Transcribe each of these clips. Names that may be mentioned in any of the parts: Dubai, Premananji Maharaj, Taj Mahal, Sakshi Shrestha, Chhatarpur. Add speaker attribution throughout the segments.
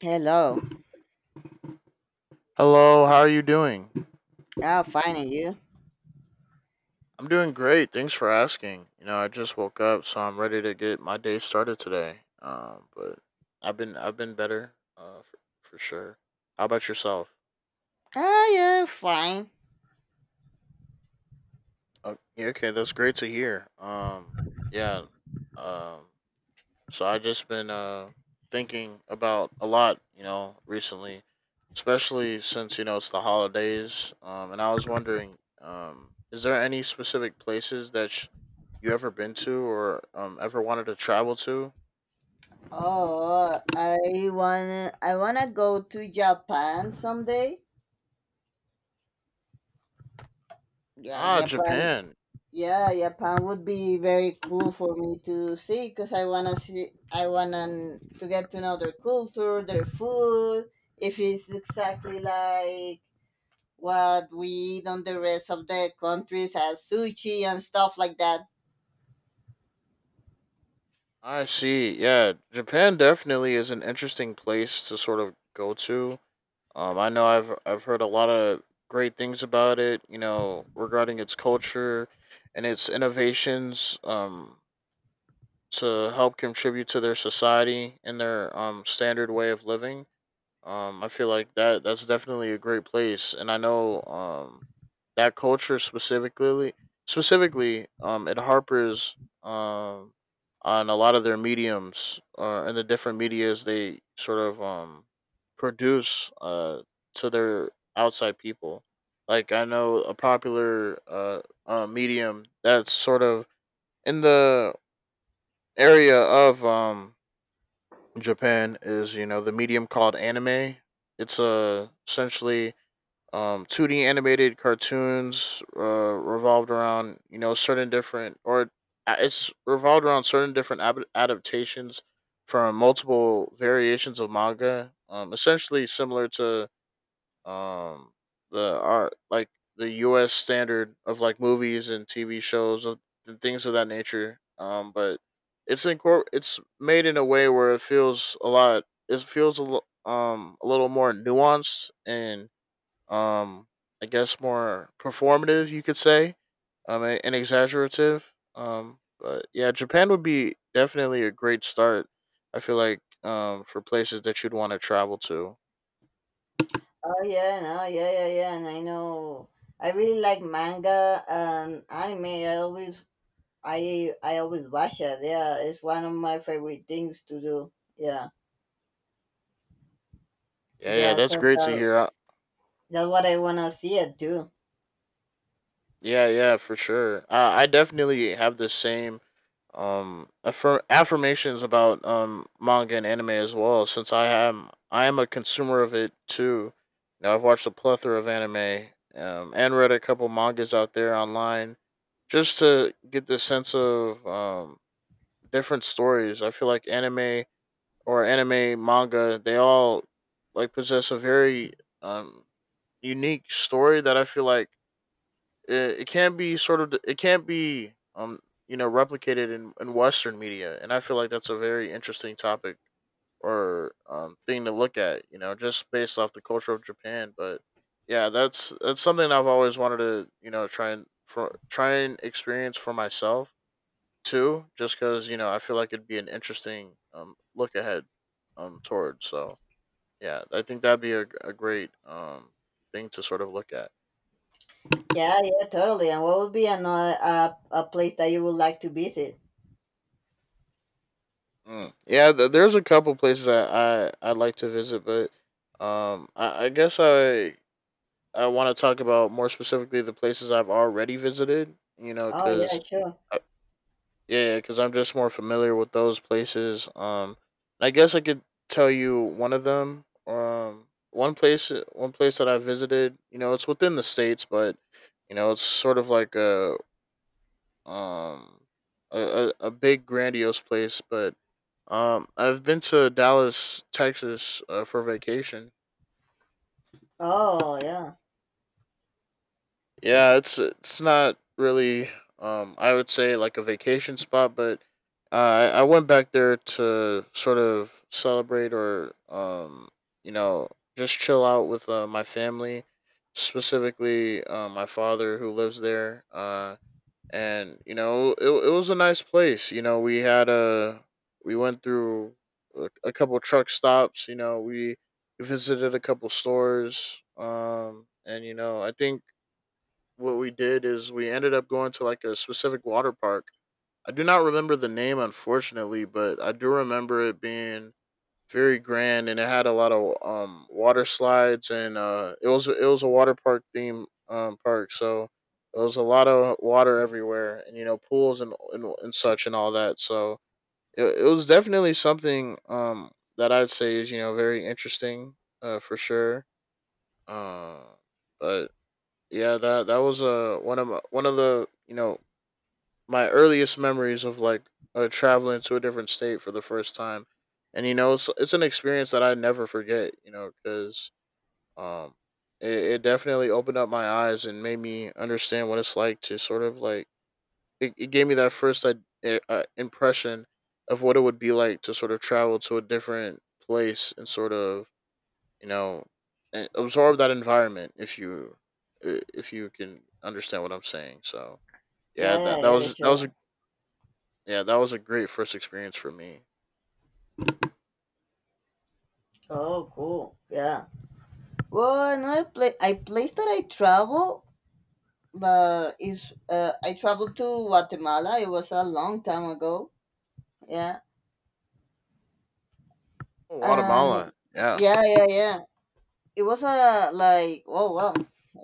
Speaker 1: Hello.
Speaker 2: Hello, how are you doing?
Speaker 1: How fine are you?
Speaker 2: I'm doing great. Thanks for asking. You know, I just woke up, so I'm ready to get my day started today. But I've been better, for sure. How about yourself?
Speaker 1: Ah, yeah, fine.
Speaker 2: Yeah, okay, that's great to hear. Yeah. Um, So I just been thinking about a lot, you know, recently, especially since you know it's the holidays. And I was wondering, is there any specific places that you ever been to or ever wanted to travel to?
Speaker 1: Oh, I wanna go to Japan someday. Yeah,
Speaker 2: Ah,
Speaker 1: Japan.
Speaker 2: Japan.
Speaker 1: Yeah, Japan would be very cool for me to see because I wanna see. I wanna to get to know their culture, their food. If it's exactly like what we eat on the rest of the countries as sushi and stuff like that.
Speaker 2: I see. Yeah, Japan definitely is an interesting place to sort of go to. I know I've heard a lot of great things about it. You know, regarding its culture and its innovations. To help contribute to their society and their standard way of living. I feel like that's definitely a great place, and I know that culture specifically it harpers um on a lot of their mediums and the different medias they sort of produce to their outside people. Like I know a popular medium that's sort of in the area of Japan is you know the medium called anime. It's essentially 2D animated cartoons revolved around you know certain different or it's revolved around certain different adaptations from multiple variations of manga. Essentially similar to um the art like the US standard of like movies and TV shows of and things of that nature. But it's made in a way where it feels a little more nuanced and um I guess more performative you could say and exaggerative but yeah, Japan would be definitely a great start I feel like for places that you'd want to travel to.
Speaker 1: Oh yeah, no, yeah, yeah, yeah, and I know. I really like manga and anime. I always watch it. Yeah, it's one of my favorite things to do. Yeah,
Speaker 2: Yeah, yeah,
Speaker 1: yeah.
Speaker 2: that's
Speaker 1: So
Speaker 2: great to
Speaker 1: that,
Speaker 2: hear.
Speaker 1: that's what I wanna see it do.
Speaker 2: Yeah, yeah, for sure. I definitely have the same affirmations about manga and anime as well. Since I am a consumer of it too. You know, I've watched a plethora of anime, and read a couple mangas out there online just to get the sense of different stories. I feel like anime or anime manga they all like possess a very um unique story that I feel like it can't be you know replicated in Western media, and I feel like that's a very interesting topic or thing to look at. You know, just based off the culture of Japan, but yeah, that's something I've always wanted to you know try and experience for myself too, just because you know I feel like it'd be an interesting look ahead towards. So yeah, I think that'd be a great thing to sort of look at.
Speaker 1: Yeah, yeah, totally. And what would be another a place that you would like to visit?
Speaker 2: Mm. Yeah, there's a couple places I'd like to visit, but I guess I want to talk about more specifically the places I've already visited. You know,
Speaker 1: Oh yeah,
Speaker 2: because
Speaker 1: sure.
Speaker 2: yeah, because I'm just more familiar with those places. I guess I could tell you one of them. One place that I visited. You know, it's within the states, but you know, it's sort of like um a big grandiose place, but I've been to Dallas, Texas for vacation.
Speaker 1: Oh yeah,
Speaker 2: Yeah, it's not really I would say like a vacation spot, but I went back there to sort of celebrate or you know just chill out with my family, specifically my father who lives there. And you know it was a nice place. You know, we went through a couple truck stops. You know, we visited a couple stores, and you know I think what we did is we ended up going to like a specific water park. I do not remember the name, unfortunately, but I do remember it being very grand, and it had a lot of water slides, and it was a water park theme park, so there was a lot of water everywhere, and you know pools and such and all that. So it was definitely something that I'd say is you know very interesting for sure. Uh, but Yeah, that was one of my, one of the you know my earliest memories of like traveling to a different state for the first time, and you know, it's an experience that I never forget. You know, because um, it definitely opened up my eyes and made me understand what it's like to sort of like it gave me that first impression of what it would be like to sort of travel to a different place and sort of you know and absorb that environment if you can understand what I'm saying. So
Speaker 1: yeah,
Speaker 2: yeah,
Speaker 1: yeah, yeah,
Speaker 2: that was a
Speaker 1: sure.
Speaker 2: yeah, that was a great first experience for me.
Speaker 1: Oh, cool. Yeah. Well, another place, a place that I travel but is I traveled to Guatemala. It was a long time ago. Yeah,
Speaker 2: Oh,
Speaker 1: and
Speaker 2: Guatemala. Yeah.
Speaker 1: yeah, yeah, yeah. It was a like oh wow,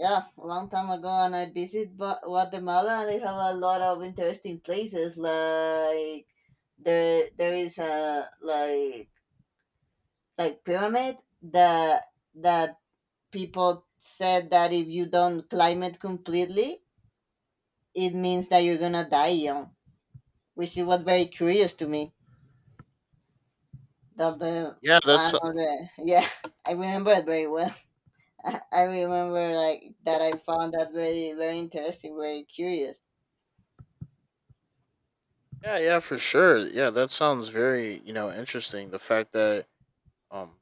Speaker 1: yeah, a long time ago. And I visit Guatemala, and they have a lot of interesting places. Like there is a like pyramid that that people said that if you don't climb it completely, it means that you're gonna die young, which it was very curious to me. That's the
Speaker 2: Yeah,
Speaker 1: one
Speaker 2: that's
Speaker 1: of the yeah. I remember it very well. I remember like that. I found that very very interesting, very curious.
Speaker 2: yeah, yeah, for sure. Yeah, that sounds very, you know, interesting. The fact that Um,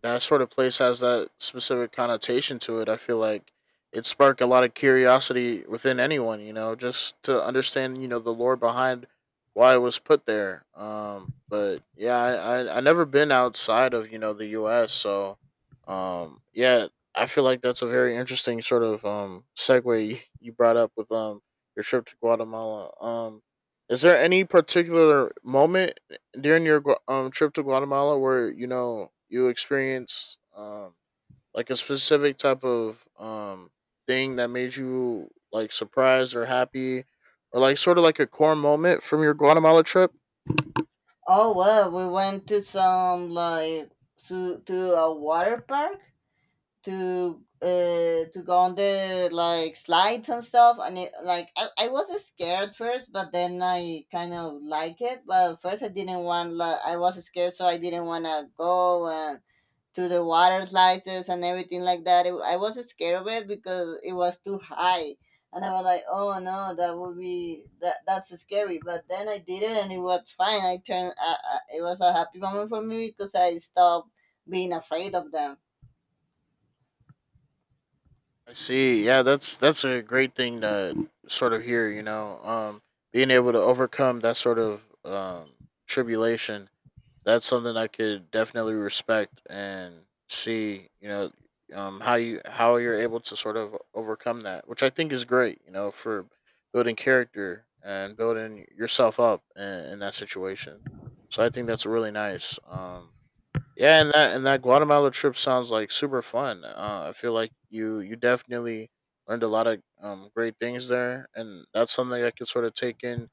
Speaker 2: that sort of place has that specific connotation to it. I feel like it sparked a lot of curiosity within anyone, you know, just to understand, you know, the lore behind why it was put there. But Yeah, I never been outside of you know the U.S. So, yeah, I feel like that's a very interesting sort of segue you brought up with your trip to Guatemala. Is there any particular moment during your trip to Guatemala where you know you experienced like a specific type of thing that made you like surprised or happy or like sort of like a core moment from your Guatemala trip?
Speaker 1: Oh well, we went to some like to a water park to uh to go on the like slides and stuff, and it like I was scared first, but then I kind of like it. But first I didn't want, like I was scared, so I didn't want to go and to the water slices and everything like that. It, I was scared of it because it was too high, and I was like, "Oh no, that would be that that's scary." But then I did it, and it was fine. I turned. It was a happy moment for me because I stopped being afraid of them.
Speaker 2: I see. Yeah, that's a great thing to sort of hear, you know. Being able to overcome that sort of tribulation, that's something I could definitely respect and see, you know, how you're able to sort of overcome that, which I think is great, you know, for building character and building yourself up in that situation. So I think that's really nice. Yeah, and that Guatemala trip sounds like super fun. I feel like you definitely learned a lot of great things there, and that's something I could sort of take in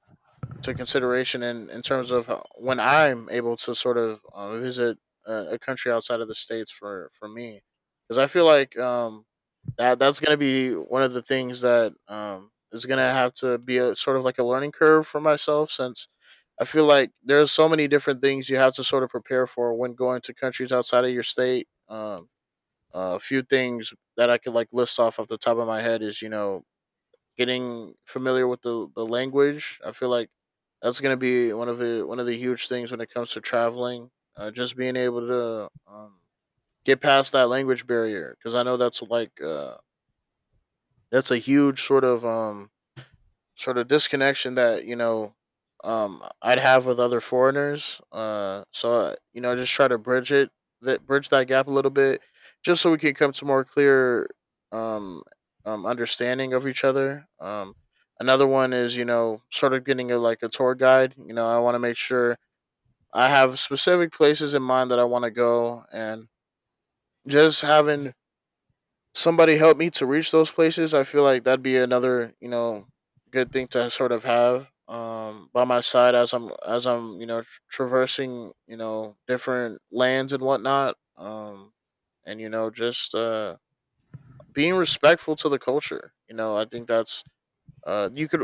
Speaker 2: to consideration in terms of when I'm able to sort of visit a country outside of the states for me, because I feel like that's gonna be one of the things that is gonna have to be a sort of like a learning curve for myself since. I feel like there's so many different things you have to sort of prepare for when going to countries outside of your state. A few things that I could like list off off the top of my head is you know getting familiar with the language. I feel like that's going to be one of the huge things when it comes to traveling. Just being able to get past that language barrier, because I know that's like that's a huge sort of sort of disconnection that you know, I'd have with other foreigners, you know, just try to bridge that gap a little bit, just so we can come to more clear, um, understanding of each other. Another one is you know, sort of getting a like a tour guide. You know, I want to make sure I have specific places in mind that I want to go, and just having somebody helped me to reach those places, I feel like that'd be another, you know, good thing to sort of have by my side as you know, traversing, you know, different lands and whatnot. And You know, just being respectful to the culture. You know, I think that's you could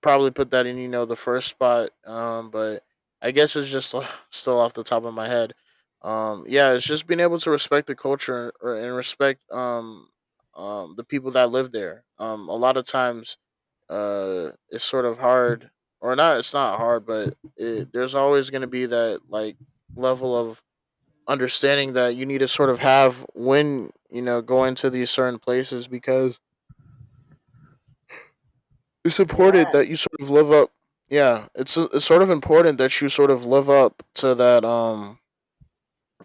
Speaker 2: probably put that in, you know, the first spot. But I guess it's just still off the top of my head. Yeah, it's just being able to respect the culture or, and respect the people that live there. A lot of times, it's sort of hard, or not. It's not hard, but there's always going to be that like level of understanding that you need to sort of have when you know going to these certain places because it's important
Speaker 1: Yeah.
Speaker 2: that you sort of live up. Yeah, it's sort of important that you sort of live up to that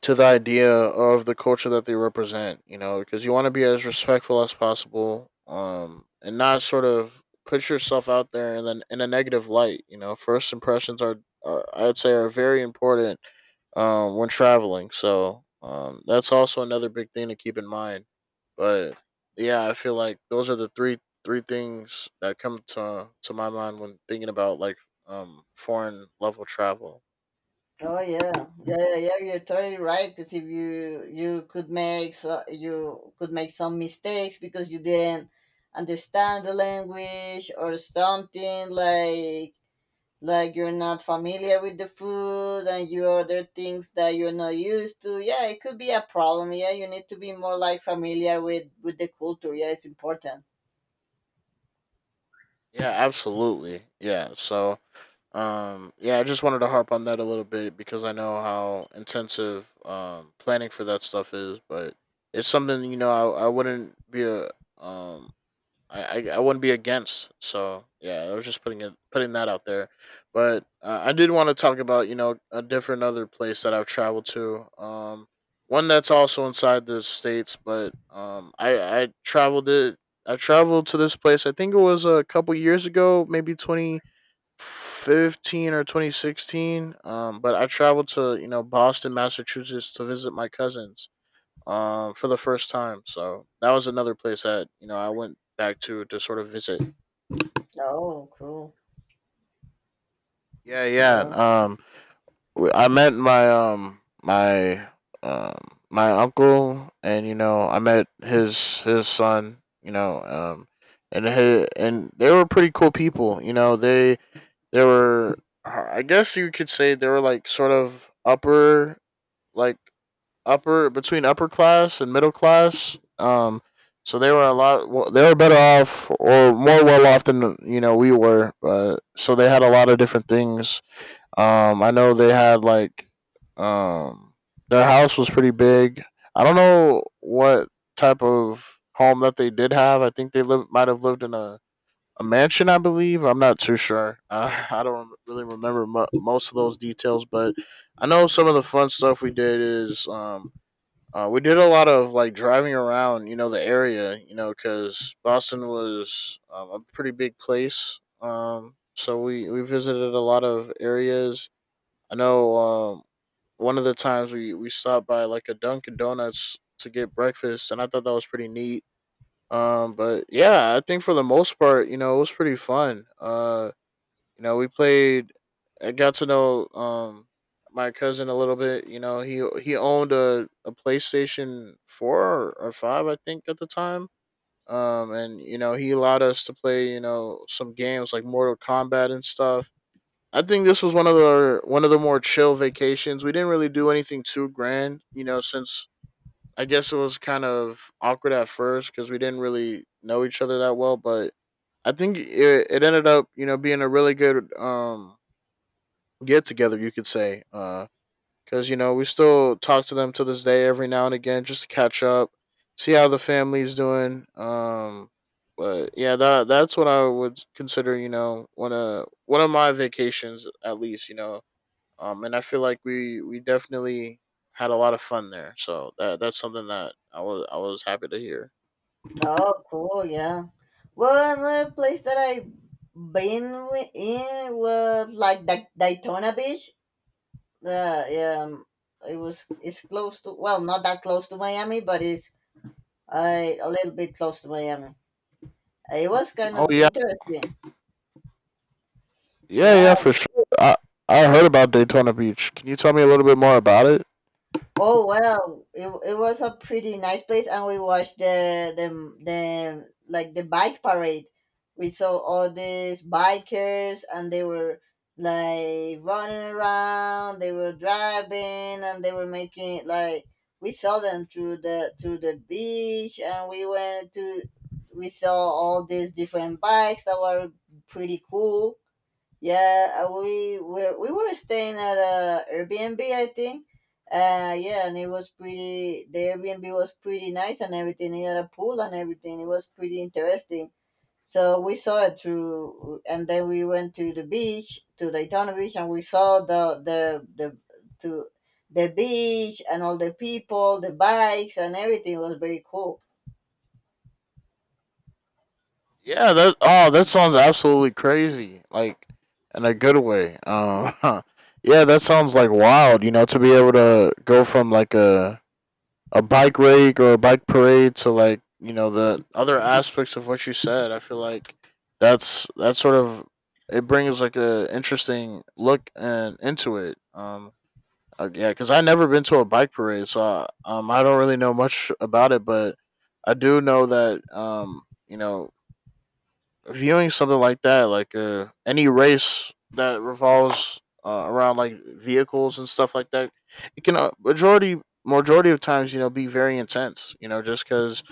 Speaker 2: to the idea of the culture that they represent, you know, because you want to be as respectful as possible, and not sort of put yourself out there and then in a negative light, you know. First impressions are, are I'd say, are very important when traveling. So that's also another big thing to keep in mind. But yeah, I feel like those are the three things that come to my mind when thinking about like foreign level travel.
Speaker 1: Oh, yeah. Yeah, yeah, yeah. You're totally right. Because if you could make so you could make some mistakes because you didn't understand the language or something like you're not familiar with the food, and you order things that you're not used to. Yeah, it could be a problem. Yeah, you need to be more like familiar with the culture. Yeah, it's important.
Speaker 2: Yeah, absolutely. Yeah. So yeah, I just wanted to harp on that a little bit because I know how intensive planning for that stuff is, but it's something, you know. I wouldn't be a um I wouldn't be against. So yeah, I was just putting that out there, but I did want to talk about, you know, a different other place that I've traveled to. One that's also inside the states, but I traveled it. I traveled to this place. I think it was a couple years ago, maybe 2015 or 2016. But I traveled to, you know, Boston, Massachusetts, to visit my cousins for the first time. So that was another place that, you know, I went back to sort of visit.
Speaker 1: Oh, cool.
Speaker 2: Yeah, yeah.
Speaker 1: Yeah.
Speaker 2: I met my um uncle, and, you know, I met his son. You know, and they were pretty cool people. You know, they were. I guess you could say they were like sort of upper, like upper, between upper class and middle class. They were better off or more well off than, you know, we were. So they had a lot of different things. I know they had like um, their house was pretty big. I don't know what type of home that they did have. I think they live might have lived in a mansion, I believe. I'm not too sure. I don't really remember most of those details, but I know some of the fun stuff we did is we did a lot of like driving around, you know, the area, you know, because Boston was a pretty big place. So we visited a lot of areas. I know one of the times we stopped by like a Dunkin' Donuts to get breakfast, and I thought that was pretty neat. But yeah, I think for the most part, you know, it was pretty fun. You know, we played. I got to know my cousin a little bit. You know, he owned a PlayStation four or five, I think, at the time. And, you know, he allowed us to play, you know, some games like Mortal Kombat and stuff. I think this was one of the more chill vacations. We didn't really do anything too grand. You know, since I guess it was kind of awkward at first because we didn't really know each other that well, but I think it ended up, you know, being a really good get together, you could say. Because, you know, we still talk to them to this day every now and again, just to catch up, see how the family's doing. But yeah, that that's what I would consider, you know, one of my vacations, at least, you know. And I feel like we definitely had a lot of fun there. So that that's something that I was happy to hear.
Speaker 1: Oh, cool. Yeah. Well, another place that I in was like Daytona Beach. Yeah. It was, it's close to, well, not that close to Miami, but it's a little bit close to Miami. It was kind
Speaker 2: Oh
Speaker 1: of
Speaker 2: yeah,
Speaker 1: interesting.
Speaker 2: yeah,
Speaker 1: Yeah.
Speaker 2: yeah, for sure. I heard about Daytona Beach. Can you tell me a little bit more about it?
Speaker 1: Oh well, it was a pretty nice place, and we watched the like the bike parade. We saw all these bikers, and they were like running around. They were driving, and they were making like we saw them through the beach, and we went to, we saw all these different bikes that were pretty cool. Yeah, we were, we were staying at a Airbnb, I think. Yeah, and it was pretty. The Airbnb was pretty nice and everything. It had a pool and everything. It was pretty interesting. So we saw it through, and then we went to the beach, to Daytona Beach, and we saw to the beach and all the people, the bikes and everything. It was very cool.
Speaker 2: Yeah, that, oh, that sounds absolutely crazy. Like in a good way. Um, yeah, that sounds like wild, you know, to be able to go from like a bike rig or a bike parade to like, you know, the other aspects of what you said. I feel like that's sort of, it brings like a interesting look and into it. Yeah, cuz I never been to a bike parade, so I don't really know much about it, but I do know that, you know, viewing something like that, like, any race that revolves around like vehicles and stuff like that, it can, majority of times, you know, be very intense. You know, just because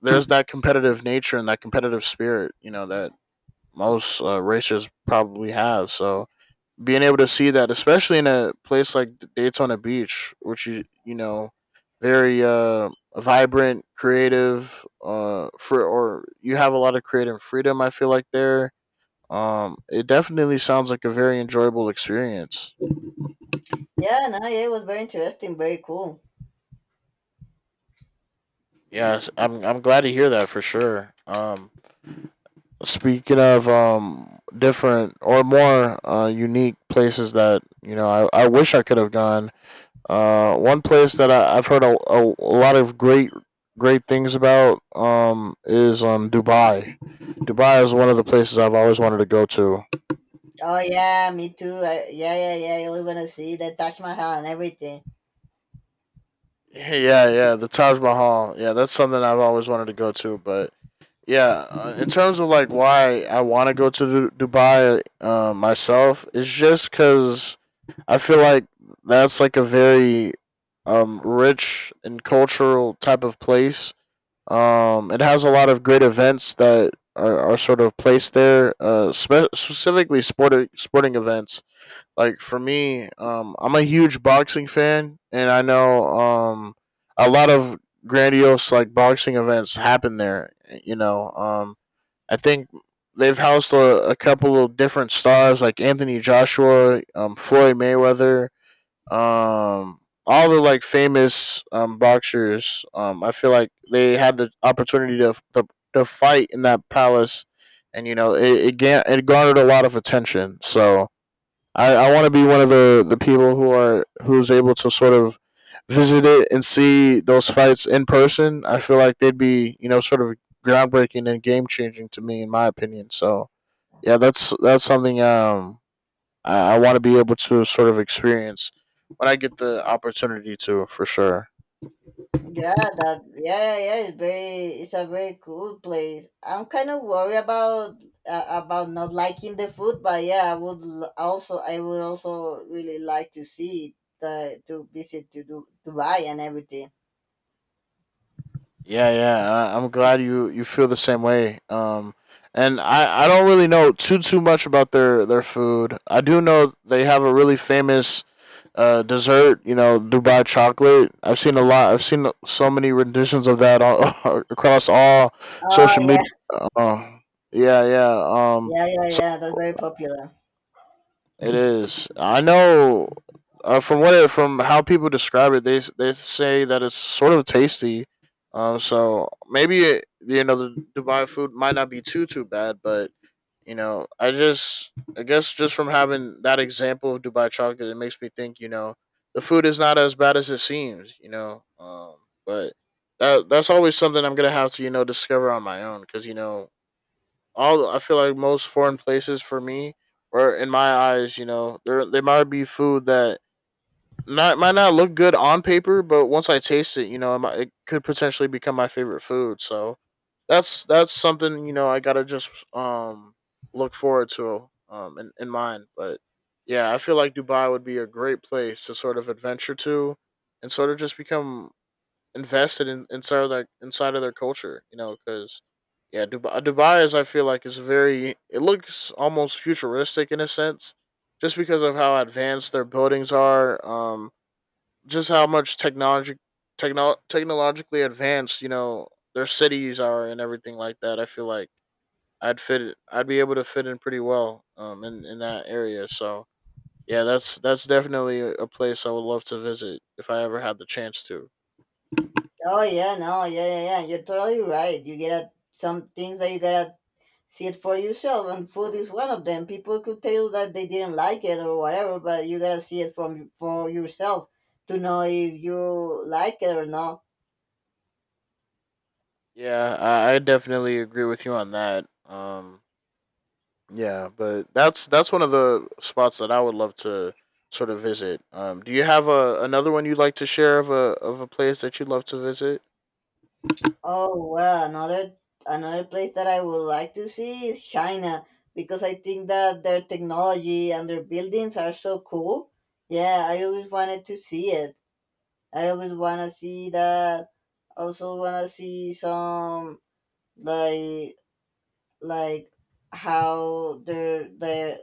Speaker 2: there's that competitive nature and that competitive spirit, you know, that most, racers probably have. So being able to see that, especially in a place like Daytona Beach, which, you know, very vibrant, creative, for or you have a lot of creative freedom, I feel like there, it definitely sounds like a very enjoyable experience.
Speaker 1: Yeah, no, yeah, it was very interesting, very cool.
Speaker 2: Yes, I'm glad to hear that for sure. Speaking of different or more unique places that, you know, I wish I could have gone. One place that I've heard a lot of great things about is Dubai. Dubai is one of the places I've always wanted to go to.
Speaker 1: Oh yeah, me too. I, yeah, yeah, yeah. I really wanna see the Taj Mahal and everything.
Speaker 2: Yeah, yeah, the Taj Mahal. Yeah, that's something I've always wanted to go to, but yeah, in terms of like why I want to go to Dubai myself, it's just because I feel like that's like a very rich and cultural type of place. It has a lot of great events that are sort of placed there, specifically sporting events. Like for me, I'm a huge boxing fan, and I know, a lot of grandiose like boxing events happen there. You know, I think they've housed a couple of different stars like Anthony Joshua, Floyd Mayweather, um, all the like famous, boxers. I feel like they had the opportunity to fight in that palace, and you know it garnered a lot of attention. So I want to be one of the people who are who's able to sort of visit it and see those fights in person. I feel like they'd be, you know, sort of groundbreaking and game changing to me in my opinion. So yeah, that's something, I want to be able to sort of experience when I get the opportunity to, for sure.
Speaker 1: Yeah, that. Yeah, yeah, yeah. It's very. It's a very cool place. I'm kind of worried about not liking the food, but yeah, I would also. I would also really like to see the to visit to do Dubai and everything.
Speaker 2: Yeah, yeah, I I'm glad you you feel the same way. And I don't really know too much about their food. I do know they have a really famous, dessert, you know, Dubai chocolate. I've seen a lot. I've seen so many renditions of that all across all
Speaker 1: Oh
Speaker 2: social media.
Speaker 1: yeah,
Speaker 2: Uh, yeah, yeah.
Speaker 1: yeah, yeah, yeah. That's very popular.
Speaker 2: It is. I know. From from how people describe it, they say that it's sort of tasty. So maybe it, you know, the Dubai food might not be too bad, but you know, I just, I guess just from having that example of Dubai chocolate, it makes me think, you know, the food is not as bad as it seems. You know, but that that's always something I'm gonna have to, you know, discover on my own because, you know, all, I feel like most foreign places for me, or in my eyes, you know, there might be food that not might not look good on paper, but once I taste it, you know, it could potentially become my favorite food. So that's something, you know, I gotta just look forward to in mind. But yeah, I feel like Dubai would be a great place to sort of adventure to, and sort of just become invested in inside of their culture, you know, because yeah, Dubai is, I feel like, is very, it looks almost futuristic in a sense, just because of how advanced their buildings are, just how much technologically advanced, you know, their cities are and everything like that. I feel like I'd be able to fit in pretty well, in that area. So yeah, that's definitely a place I would love to visit if I ever had the chance to.
Speaker 1: Oh yeah, no, yeah, yeah, yeah. You're totally right. You get a, some things that you gotta see it for yourself, and food is one of them. People could tell you that they didn't like it or whatever, but you gotta see it from for yourself to know if you like it or not.
Speaker 2: Yeah, I definitely agree with you on that. Yeah, but that's one of the spots that I would love to sort of visit. Do you have a another one you'd like to share of a place that you'd love to visit?
Speaker 1: Oh well, another another place that I would like to see is China, because I think that their technology and their buildings are so cool. Yeah, I always wanted to see it. I always want to see that. Also want to see some like like how their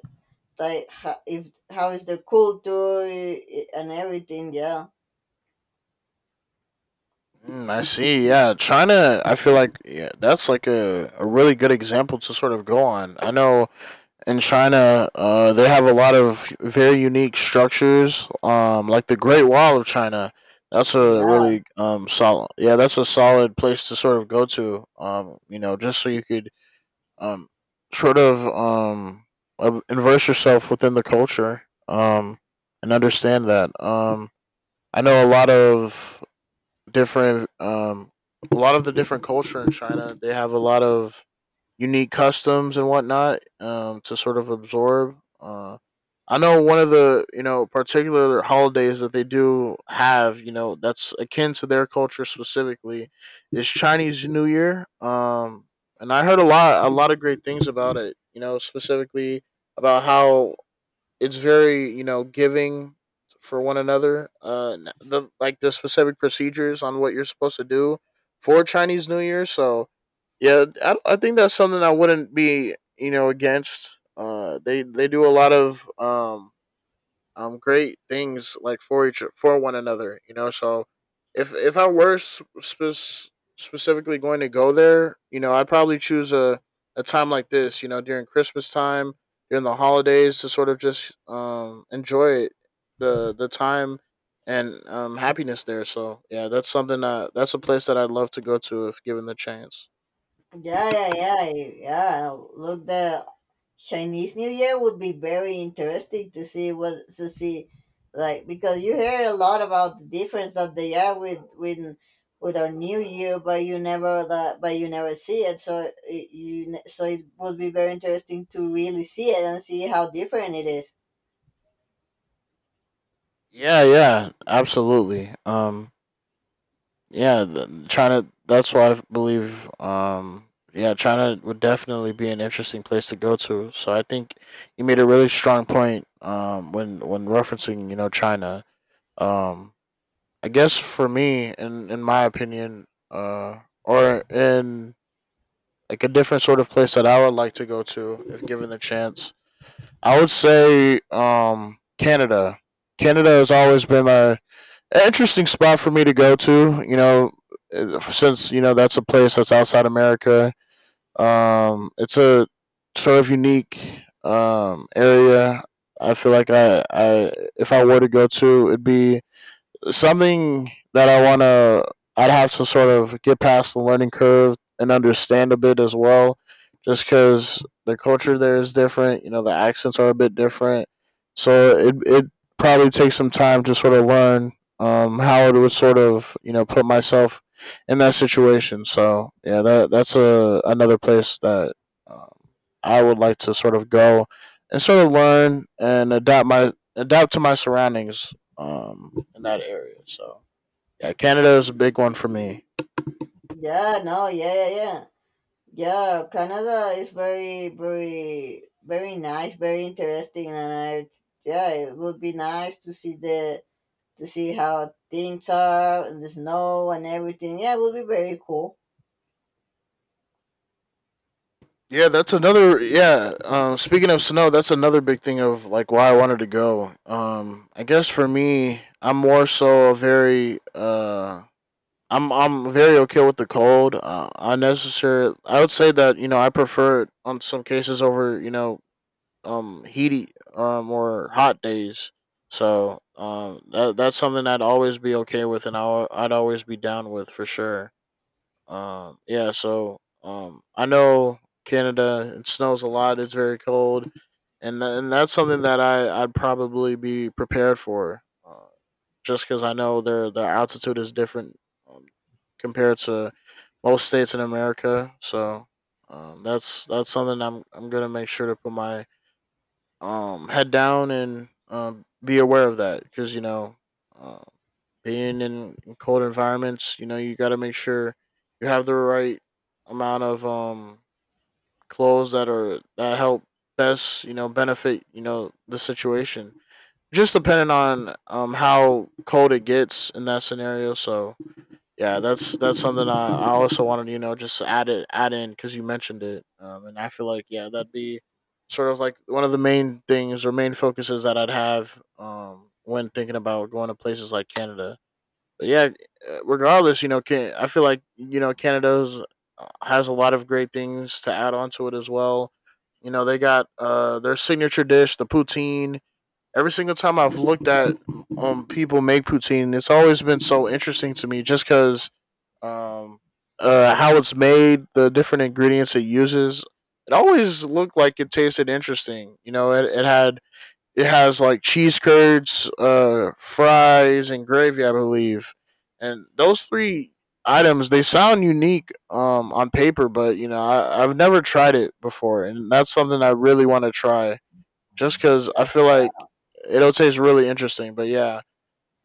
Speaker 1: like how, if how is the culture and everything. Yeah.
Speaker 2: Mm, I see. Yeah, China. I feel like yeah, that's like a really good example to sort of go on. I know in China, they have a lot of very unique structures, like the Great Wall of China. That's a
Speaker 1: Yeah,
Speaker 2: really solid, yeah, that's a solid place to sort of go to, you know, just so you could um, sort of immerse yourself within the culture, and understand that. I know a lot of different, a lot of the different culture in China, they have a lot of unique customs and whatnot, to sort of absorb. I know one of the, you know, particular holidays that they do have, you know, that's akin to their culture specifically is Chinese New Year. And I heard a lot of great things about it. You know, specifically about how it's very, you know, giving for one another. The like the specific procedures on what you're supposed to do for Chinese New Year. So yeah, I think that's something I wouldn't be, you know, against. They do a lot of great things like for one another, you know. So if I were specifically going to go there, you know, I'd probably choose a time like this, you know, during christmas time, during the holidays, to sort of just enjoy it, the time and happiness there. So yeah, that's something that that's a place that I'd love to go to if given the chance.
Speaker 1: yeah, yeah, yeah, yeah, look, the Chinese New Year would be very interesting to see, what to see, like, because you hear a lot about the difference that they are with with our new year, but you never that, but you never see it. So it, so it would be very interesting to really see it and see how different it is.
Speaker 2: Yeah, yeah, absolutely. Yeah, China. That's why I believe. Yeah, China would definitely be an interesting place to go to. So I think you made a really strong point. When referencing, you know, China. Um, I guess for me, in my opinion, or in like a different sort of place that I would like to go to if given the chance, I would say Canada. Canada has always been my an interesting spot for me to go to. You know, since, you know, that's a place that's outside America. It's a sort of unique area. I feel like I if I were to go to, it'd be something that I want to, I'd have to sort of get past the learning curve and understand a bit as well, just because the culture there is different. You know, the accents are a bit different, so it probably takes some time to sort of learn, how it would sort of, you know, put myself in that situation. So yeah, that that's a another place that um, I would like to sort of go and sort of learn and adapt to my surroundings in that area. So yeah, Canada is a big one for me.
Speaker 1: Yeah, no, yeah, yeah, yeah. Yeah, Canada is very, very, very nice, very interesting, and I, yeah, it would be nice to see the to see how things are and the snow and everything. Yeah, it would be very cool.
Speaker 2: Yeah, that's another yeah. Speaking of snow, that's another big thing of like why I wanted to go. I guess for me, I'm more so a very I'm very okay with the cold. Unnecessary. I would say that, you know, I prefer it on some cases over, you know, heaty or hot days. So that that's something I'd always be okay with, and I'd always be down with for sure. Yeah, so I know Canada. It snows a lot. It's very cold, and and that's something that I'd probably be prepared for, just because I know their altitude is different, um, compared to most states in America. So that's something I'm gonna make sure to put my head down and be aware of that, because, you know, um, being in cold environments, you know, you got to make sure you have the right amount of clothes that are that help best, you know, benefit, you know, the situation, just depending on how cold it gets in that scenario. So yeah, that's something I also wanted, you know, just add in, because you mentioned it, and I feel like yeah, that'd be sort of like one of the main things or main focuses that I'd have, when thinking about going to places like Canada. But yeah, regardless, you know, can I feel like, you know, Canada's, has a lot of great things to add onto it as well. You know, they got, their signature dish, the poutine. Every single time I've looked at people make poutine, it's always been so interesting to me just because um, how it's made, the different ingredients it uses. It always looked like it tasted interesting. You know, it had it has like cheese curds, fries, and gravy, I believe. And those three items, they sound unique, on paper, but, you know, I've never tried it before, and that's something I really want to try. Just because I feel like it'll taste really interesting. But yeah,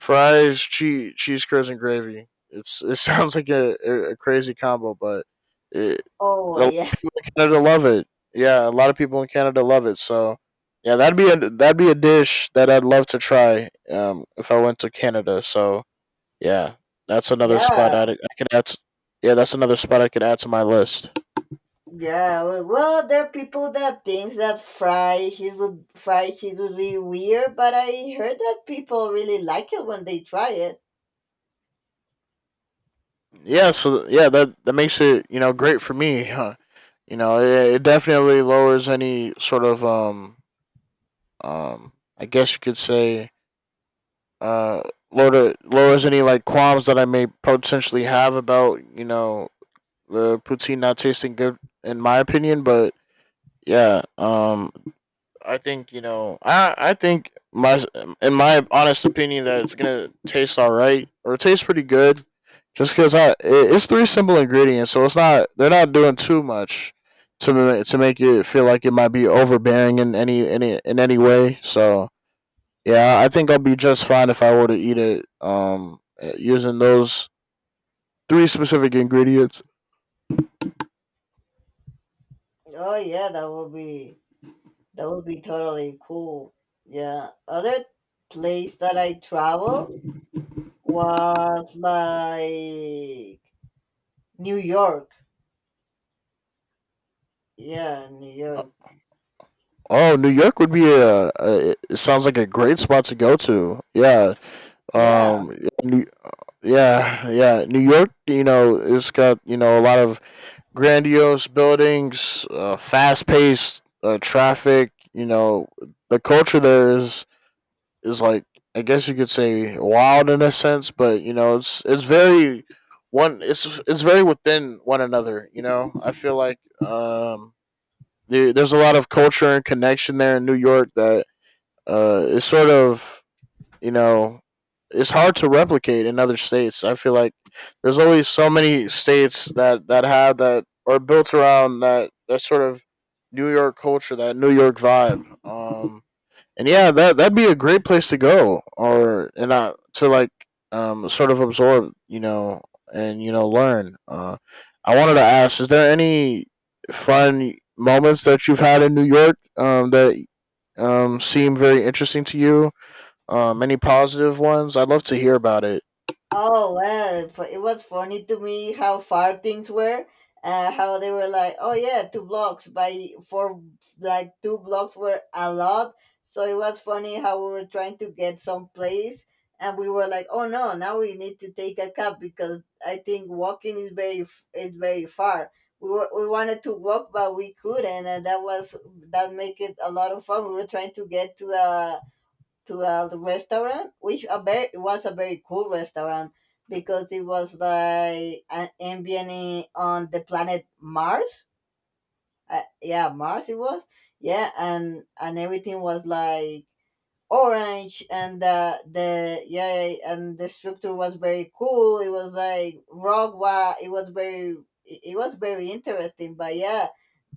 Speaker 2: fries, cheese, cheese curds, and gravy. It sounds like a crazy combo, but it,
Speaker 1: Oh,
Speaker 2: the
Speaker 1: yeah,
Speaker 2: people in Canada love it. Yeah, a lot of people in Canada love it. So yeah, that'd be a dish that I'd love to try, if I went to Canada. So yeah, that's another spot
Speaker 1: yeah,
Speaker 2: I could add. To, yeah, that's another spot I could add to my list.
Speaker 1: yeah. Well, well, there are people that thinks that fried cheese would be weird, but I heard that people really like it when they try it.
Speaker 2: Yeah, so yeah, that that makes it, you know, great for me. Huh? You know, it definitely lowers any sort of I guess you could say, uh, lowers any like qualms that I may potentially have about, you know, the poutine not tasting good, in my opinion. But yeah, I think, you know, I think my in my honest opinion that it's gonna taste all right or taste pretty good, just because I it, it's three simple ingredients, so it's not they're not doing too much to to make it feel like it might be overbearing in any way. So yeah, I think I'll be just fine if I were to eat it using those three specific ingredients.
Speaker 1: Oh yeah, that would be. That would be totally cool. Yeah. Other place that I travel was like New York. Yeah, New York.
Speaker 2: Oh, New York would be a it sounds like a great spot to go to. Yeah.
Speaker 1: Yeah.
Speaker 2: Um New, yeah, yeah, New York, you know, it's got, you know, a lot of grandiose buildings, fast-paced traffic. You know, the culture there is like, I guess you could say, wild in a sense, but you know it's very one it's very within one another. You know, I feel like um there, there's a lot of culture and connection there in New York that is sort of, you know, it's hard to replicate in other states. I feel like there's always so many states that that have that are built around that that sort of New York culture, that New York vibe. And yeah, that that'd be a great place to go, or and I to like sort of absorb, you know, and you know learn. I wanted to ask: is there any fun moments that you've had in New York, that seem very interesting to you, any positive ones? I'd love to hear about it.
Speaker 1: Oh well, it was funny to me how far things were. How they were like, oh yeah, two blocks by four, like two blocks were a lot. So it was funny how we were trying to get someplace, and we were like, oh no, now we need to take a cab because I think walking is very is very far. We were, we wanted to walk, but we couldn't, and that was that make it a lot of fun. We were trying to get to a restaurant, which a very, was a very cool restaurant because it was like an ambient on the planet Mars. Yeah, Mars it was. Yeah, and everything was like orange, and the yeah, and the structure was very cool. It was like it was very, it was very interesting. But yeah,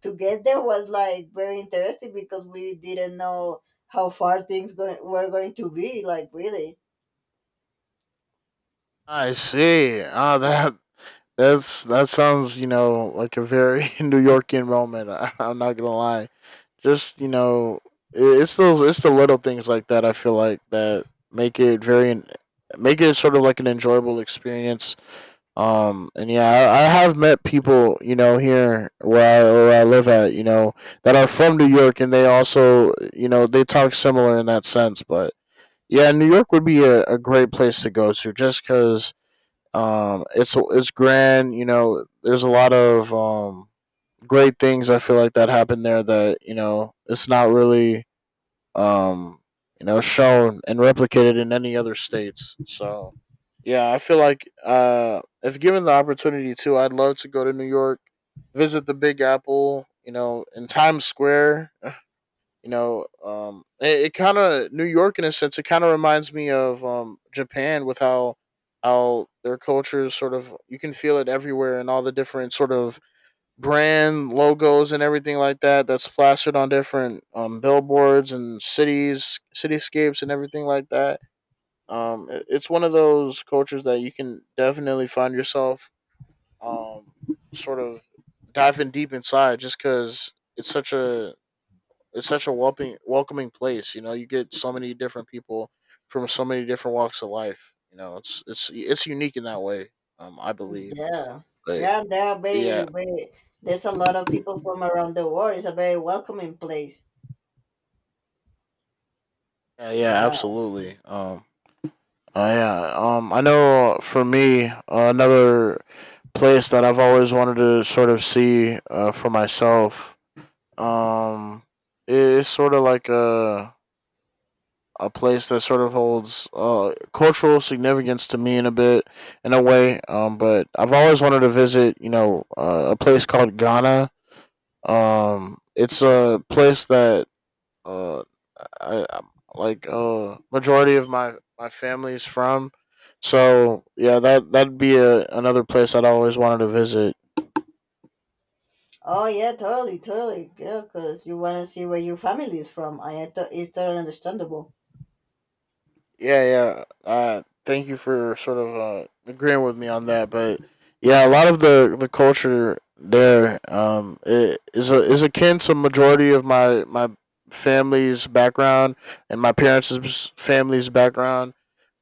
Speaker 1: to get there was like very interesting because we didn't know how far things going were going to be like really.
Speaker 2: I see. Ah, that's that sounds, you know, like a very New Yorkian moment. I, I'm not gonna lie. Just, you know, it's those it's the little things like that. I feel like that make it very make it sort of like an enjoyable experience. And yeah, I have met people, you know, here where where I live at, you know, that are from New York, and they also, you know, they talk similar in that sense. But yeah, New York would be a great place to go to just because, it's grand. You know, there's a lot of great things I feel like that happened there that, you know, it's not really, um, you know, shown and replicated in any other states. So yeah, I feel like, if given the opportunity to, I'd love to go to New York, visit the Big Apple. You know, in Times Square, you know, it kind of New York in a sense. It kind of reminds me of Japan with how their culture is sort of, you can feel it everywhere, and all the different sort of brand logos and everything like that that's plastered on different, billboards and cities cityscapes and everything like that, it's one of those cultures that you can definitely find yourself, um, sort of diving deep inside, just because it's such a it's such a welcoming place. You know, you get so many different people from so many different walks of life. You know, it's it's unique in that way. I believe,
Speaker 1: Yeah.
Speaker 2: but
Speaker 1: Yeah, and there are very
Speaker 2: yeah,
Speaker 1: very, there's a lot of people from around the world. It's a very welcoming place.
Speaker 2: yeah
Speaker 1: Yeah.
Speaker 2: absolutely. Yeah. I know for me, another place that I've always wanted to sort of see for myself. Um, i- it's sort of like a place that sort of holds cultural significance to me in a way. But I've always wanted to visit, you know, a place called Ghana. It's a place that uh, I like majority of my family is from. So yeah, that another place I'd always wanted to visit.
Speaker 1: Oh yeah, totally, totally. Yeah, because you want to see where your family is from. It's totally understandable.
Speaker 2: Yeah, yeah. Thank you for sort of agreeing with me on that. But yeah, a lot of the culture there is is akin to majority of my family's background and my parents' family's background.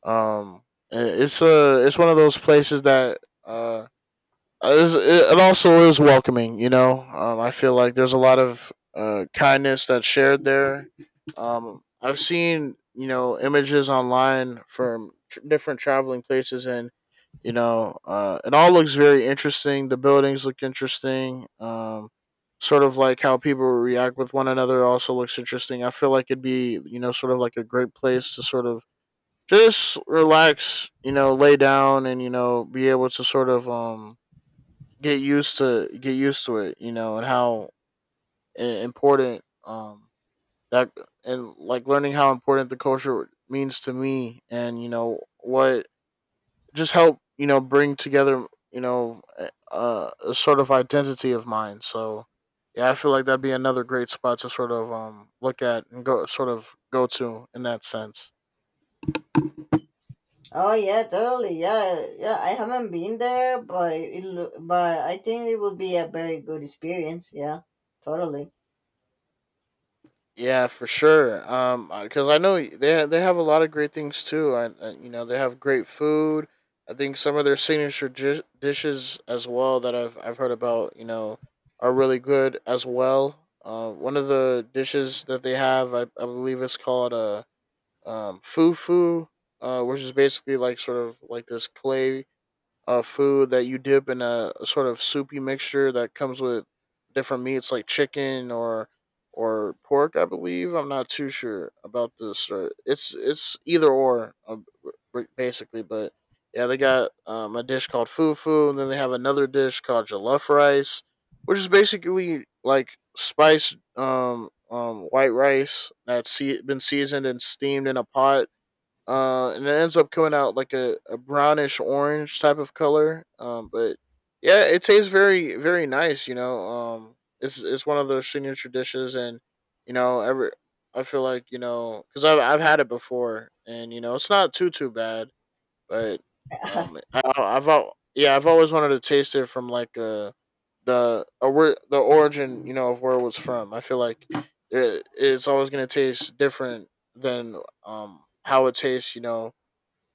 Speaker 2: Um, it's a it's one of those places that uh, uh, it it also is welcoming. You know, I feel like there's a lot of kindness that's shared there. I've seen you know images online from different traveling places, and you know, it all looks very interesting. The buildings look interesting. Sort of like how people react with one another also looks interesting. I feel like it'd be you know sort of like a great place to sort of just relax, you know, lay down, and you know, be able to sort of get used to it, you know, and how important that and like learning how important the culture means to me, and you know what just help you know bring together you know a sort of identity of mine. So yeah, I feel like that'd be another great spot to sort of look at and go sort of go to in that sense.
Speaker 1: Oh yeah, totally. Yeah, yeah. I haven't been there, but it, but I think it would be a very good experience. Yeah, totally.
Speaker 2: Yeah, for sure. Because I know they have a lot of great things too. I you know they have great food. I think some of their signature dishes as well that I've heard about. You know, are really good as well. One of the dishes that they have, I believe it's called a fufu, which is basically like sort of like this clay food that you dip in a sort of soupy mixture that comes with different meats like chicken or pork. I believe I'm not too sure about this. Or it's either or basically, but yeah, they got a dish called fufu, and then they have another dish called jollof rice, which is basically like spiced white rice that's been seasoned and steamed in a pot and it ends up coming out like a brownish orange type of color. But yeah, it tastes very very nice. You know, it's one of those signature dishes, and you know, every I feel like you know because I've had it before, and you know, it's not too too bad but yeah, I've always wanted to taste it from like the where the origin you know of where it was from. I feel like it's always gonna taste different than how it tastes you know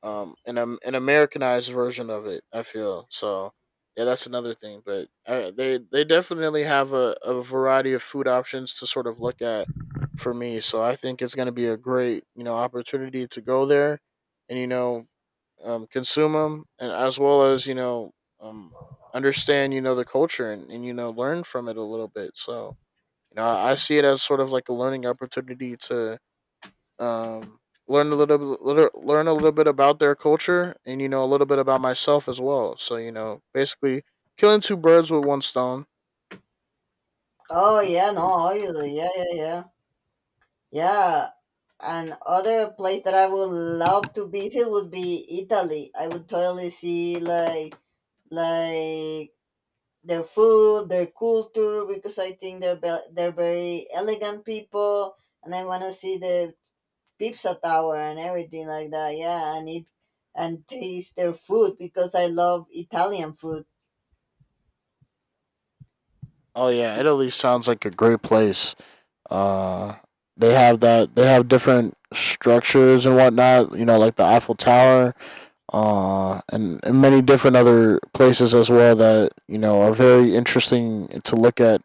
Speaker 2: an Americanized version of it. I feel so. Yeah, that's another thing. But they definitely have a variety of food options to sort of look at for me. So I think it's going to be a great you know opportunity to go there and you know consume them and as well as you know um, understand you know the culture and you know learn from it a little bit. So you know I see it as sort of like a learning opportunity to um, learn a little, bit- little learn a little bit about their culture, and you know a little bit about myself as well. So you know, basically, killing two birds with one stone.
Speaker 1: Oh yeah, no, obviously. Yeah, yeah, yeah, yeah. And other place that I would love to visit would be Italy. I would totally see like their food, their culture, because I think they're very elegant people, and I want to see the pizza tower and everything like that. Yeah, and eat and taste their food because I love Italian food.
Speaker 2: Oh yeah, Italy sounds like a great place. Uh, they have that. They have different structures and whatnot. You know, like the Eiffel Tower, and many different other places as well that you know are very interesting to look at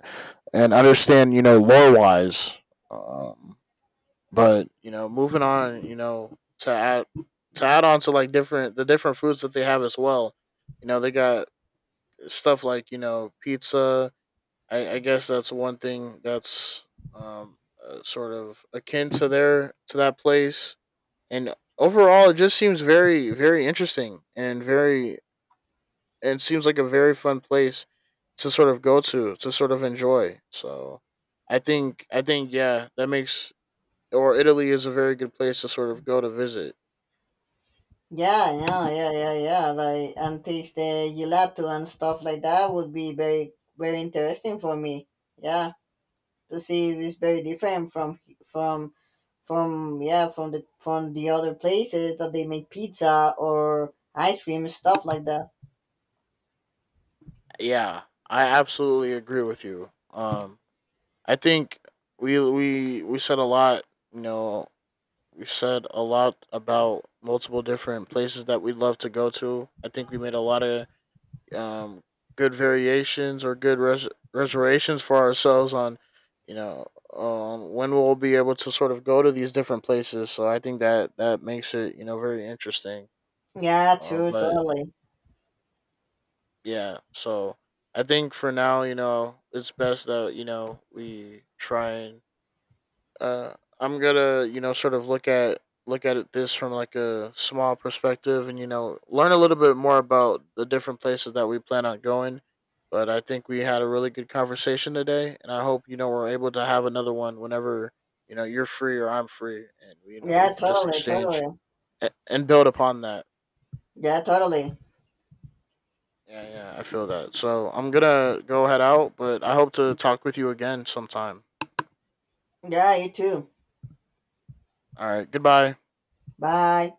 Speaker 2: and understand. You know, lore wise. Um, But you know, moving on, you know, to add on to like different the different foods that they have as well. You know, they got stuff like you know pizza. I guess that's one thing that's um sort of akin to their to that place. And overall, it just seems very very interesting and very and seems like a very fun place to sort of go to sort of enjoy. So I think yeah, that makes or Italy is a very good place to sort of go to visit.
Speaker 1: Yeah, yeah, yeah, yeah, yeah. Like and taste the gelato and stuff like that would be very very interesting for me. Yeah, to see if it's very different from from yeah, from the other places that they make pizza or ice cream and stuff like that.
Speaker 2: Yeah, I absolutely agree with you. I think we said a lot. You know, we said a lot about multiple different places that we'd love to go to. I think we made a lot of um good variations or good reservations for ourselves on, you know, when we'll be able to sort of go to these different places. So I think that that makes it you know very interesting.
Speaker 1: Yeah,
Speaker 2: Um,
Speaker 1: true,
Speaker 2: but
Speaker 1: totally.
Speaker 2: yeah so I think for now you know it's best that you know we try and uh I'm gonna you know sort of look at it this from like a small perspective and you know learn a little bit more about the different places that we plan on going but I think we had a really good conversation today and I hope you know we're able to have another one whenever you know you're free or I'm free and you know we
Speaker 1: Yeah,
Speaker 2: can just
Speaker 1: totally,
Speaker 2: exchange
Speaker 1: totally.
Speaker 2: and build upon that.
Speaker 1: Yeah, totally.
Speaker 2: Yeah, yeah, I feel that. So I'm gonna go head out, but I hope to talk with you again sometime.
Speaker 1: Yeah, you too.
Speaker 2: All right, goodbye.
Speaker 1: Bye.